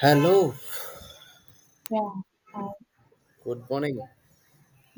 Hello, Yeah, hi. good morning.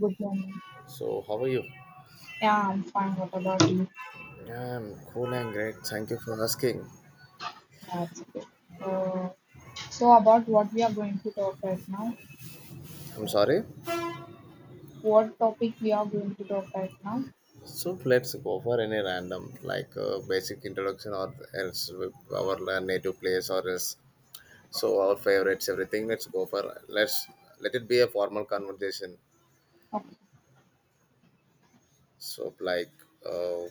Good morning. So, how are you? Yeah, I'm fine. What about you? I'm cool and great. Thank you for asking. That's good. Uh, so about what we are going to talk right now, I'm sorry. what topic we are going to talk right now? So, let's go for any random, basic introduction or else with our native place or else. So, our favorites, everything. Let's go for let's let it be a formal conversation. Okay. So, like, uh,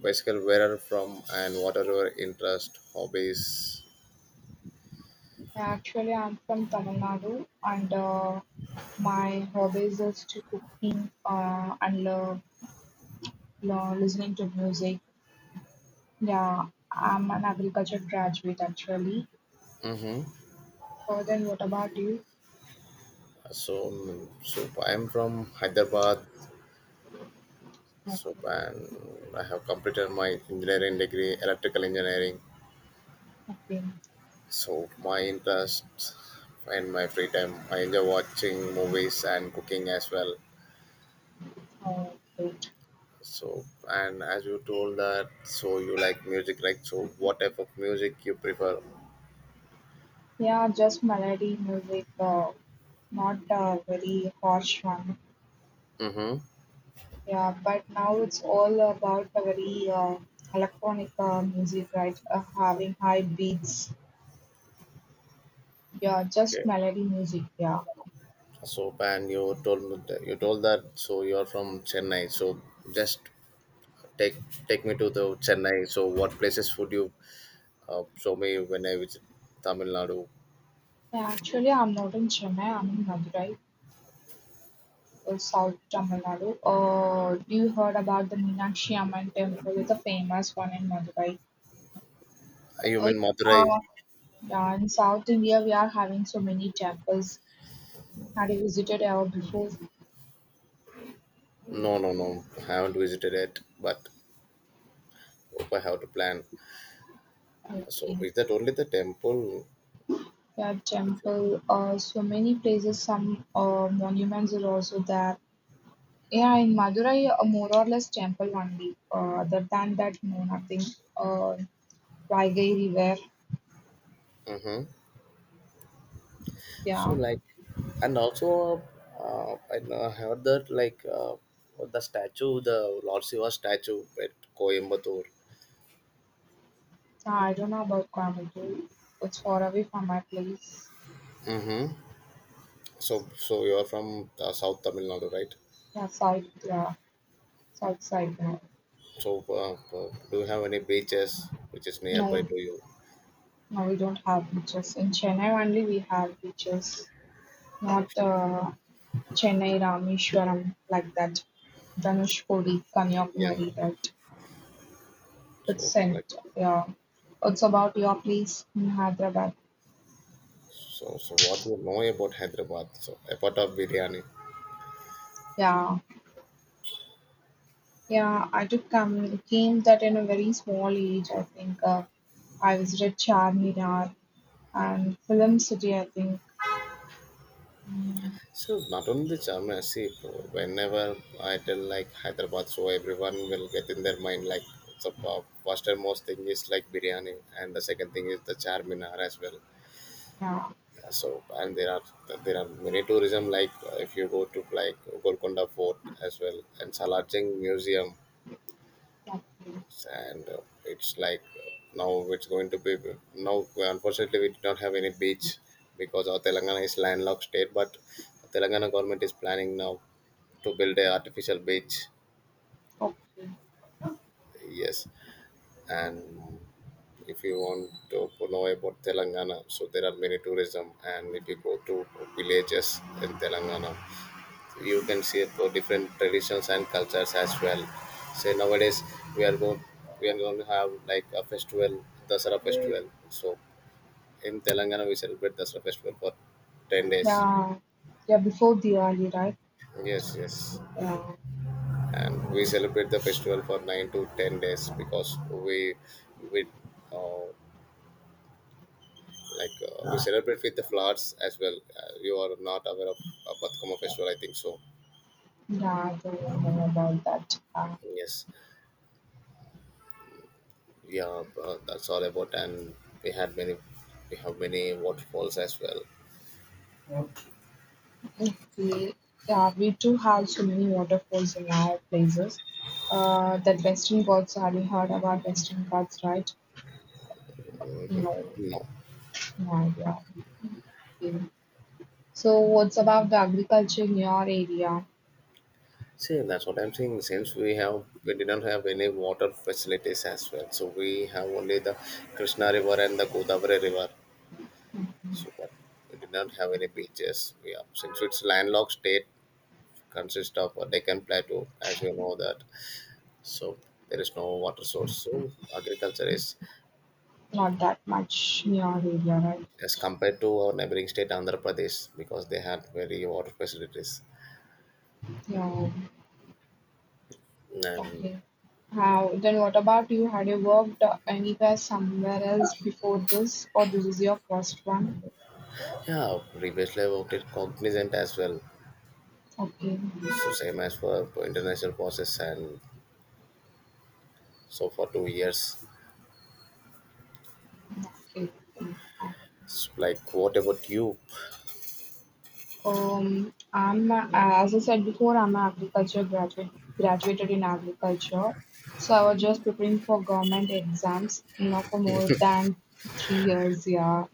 Basically, where are from and what are your interest, hobbies? Actually, I'm from Tamil Nadu, and my hobbies is to cooking and listening to music. Yeah, I'm an agriculture graduate actually. Mm-hmm. Then what about you? So, I'm from Hyderabad, Okay. So, and I have completed my engineering degree, electrical engineering. Okay. So, my interest, in my free time, I enjoy watching movies and cooking as well. Uh, good. So, and as you told that, so you like music, right? So, what type of music you prefer? Yeah, just melody music. Not a very harsh one. Mm-hmm. Yeah, but now it's all about a very electronic music, right? Having high beats. Yeah, just Okay. melody music. Yeah. So, and you told me that, you told that. So, you are from Chennai. So, just take take me to the Chennai. So, what places would you show me when I visit Tamil Nadu? Yeah. Actually, I'm not in Chennai. I'm in Madurai, South Tamil Nadu. You heard about the Meenakshi Amman temple? It's a famous one in Madurai. You Uh, mean Madurai? uh, yeah, in South India, we are having so many temples. Have you visited ever before? No, no, no. I haven't visited it, but hope I have to plan. So Okay. is that only the temple? Yeah, temple. So many places, some monuments are also there. Yeah, in Madurai, more or less temple only. Other than that, no, nothing. Uh, Vaigai River. Mm-hmm. So Yeah. like, and also, I know I heard that the statue, the Lord Shiva statue at Coimbatore. So I don't know about Coimbatore. It's far away from my place. Mm-hmm. So you are from South Tamil Nadu, right? Yeah, south. Yeah, south side. No, So do you have any beaches which is nearby no, to you? no. We don't have beaches in Chennai. Only we have beaches. Not Chennai, Rameshwaram, like that. Dhanushkodi, Yeah. Kanyakumari, that. It's So sent, like. yeah. It's about your place in Hyderabad. So, so what you know about Hyderabad? So, apart of biryani, Yeah, yeah. I took come came that in a very small age. I think I visited Charminar and Film City. I think. Mm, so not only the charm. See, whenever I tell like Hyderabad, so everyone will get in their mind like the first and most thing is like biryani, and the second thing is the Charminar as well. yeah. Yeah, so, and there are many tourism if you go to like Golconda Fort as well and Salar Jung Museum Okay. and it's like now it's going to be now well, unfortunately we did not have any beach because our Telangana is landlocked state, but Telangana government is planning now to build a artificial beach. Okay. Yes, and if you want to know about Telangana, so there are many tourism, and if you go to villages in Telangana you can see about different traditions and cultures as well. Say nowadays we are going we are going to have like a festival, Dasara festival. So in Telangana we celebrate Dasara festival for 10 days. Yeah. Yeah. Before Diwali, right? Yes, yes, Yeah. and we celebrate the festival for 9 to 10 days because we uh, we celebrate with the flowers as well. You are not aware of Batkama festival, I think so. Yeah. I don't know about that. Yes. Yeah that's all about, and we had many we have many waterfalls as well. Okay. Yeah. We do have so many waterfalls in our places. That Western Ghats. Have you heard about Western Ghats, right? Mhm. No, No, no idea. Okay. So what's about the agriculture in your area? see, that's what I'm saying, since we have, we didn't have any water facilities as well, so we have only the Krishna river and the Godavari river. So but we did not have any beaches, yeah, since it's landlocked state, consists of a Deccan plateau as you know that. So there is no water source, so agriculture is Not that much in your area, right? as compared to our neighboring state Andhra Pradesh, because they had very water facilities. Yeah. And Okay. How then what about you? Had you worked anywhere somewhere else before this or this is your first one? yeah, previously I worked Cognizant as well. Okay. So same as for international process, and so for 2 years. Okay. Okay. So like what about you? I'm as I said before, I'm an agriculture graduate, graduated in agriculture. So I was just preparing for government exams now for more than 3 years. Yeah,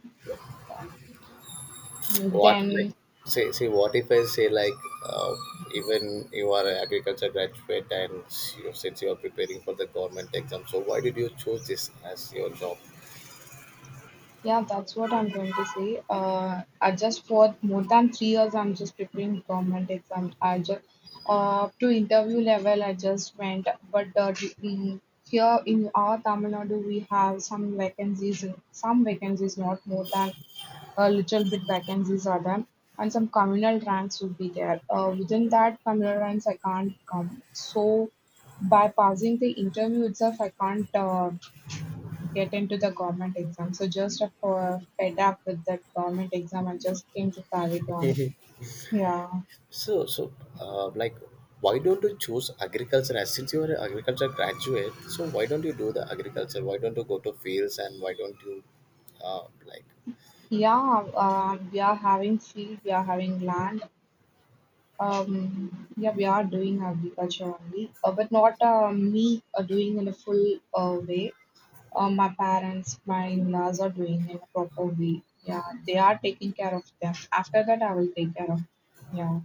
What like then, say say what if I say like uh, Even you are an agriculture graduate and you, since you are preparing for the government exam, so why did you choose this as your job? yeah, that's what I'm going to say. I just for more than 3 years, I'm just preparing government exam. I just to interview level, I just went, but here in our Tamil Nadu, we have some vacancies, not more than a little bit vacancies are there, and some communal ranks would be there. Within that communal ranks, I can't come. So by passing the interview itself, I can't. Get into the government exam. So just fed up with that government exam I just came to private one. Yeah, So, so uh, like, why don't you choose agriculture? As since you are an agriculture graduate, so why don't you do the agriculture? Why don't you go to fields and why don't you, uh, like, yeah. We are having field, we are having land. Yeah, we are doing agriculture only, but not me doing in a full way. My parents, my in-laws are doing in a proper way. Yeah, they are taking care of them. After that, I will take care of. Yeah.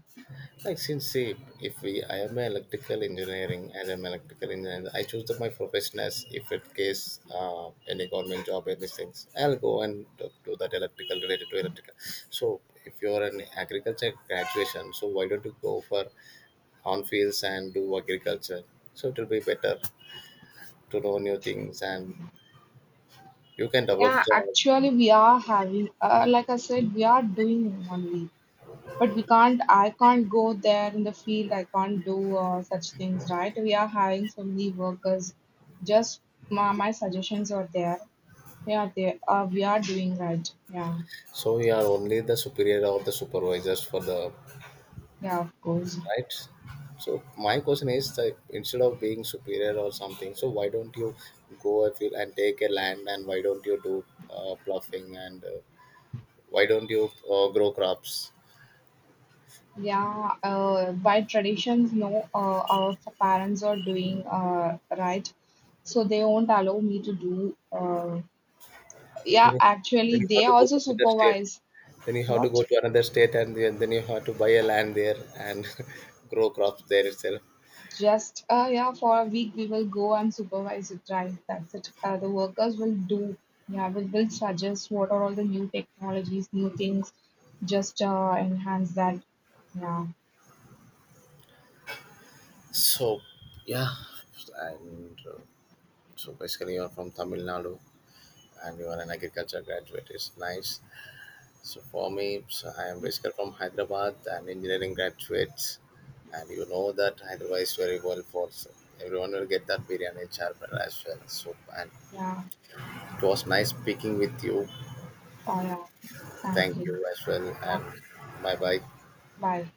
like since say, if we I am an electrical engineering, as I'm an electrical engineer, I choose the, my profession, as if it case any government job, any things, I'll go and do that electrical, related to electrical. So if you're an agriculture graduation, so why don't you go for on fields and do agriculture? So it will be better to know new things, and you can develop Yeah, the, actually, we are having, like I said, we are doing only. But we can't, I can't go there in the field, I can't do such things, right? We are having so many workers. Just my suggestions are there. Yeah, they we are doing right. Yeah, so you are only the superior or the supervisors for the, yeah, of course. right? So my question is that instead of being superior or something, so why don't you go a field and take a land, and why don't you do ploughing and why don't you grow crops? Yeah, by traditions, no, our parents are doing right, so they won't allow me to do. Yeah, then you, actually, then you they have to go also to another state supervise. then you have to What? go to another state, and then you have to buy a land there, and grow crops there itself. Just yeah, for a week we will go and supervise it, right? That's it. The workers will do. Yeah, we will suggest what are all the new technologies, new things. Just enhance that. Yeah, So yeah and So basically, you're from Tamil Nadu, and you are an agriculture graduate. It's nice. So for me, so I am basically from Hyderabad, an engineering graduate, and you know that Hyderabad is very well for, so everyone will get that biryani charper as well. So, and yeah. it was nice speaking with you. Oh yeah. Thank Thank you. you as well, Yeah. and bye bye. Bye.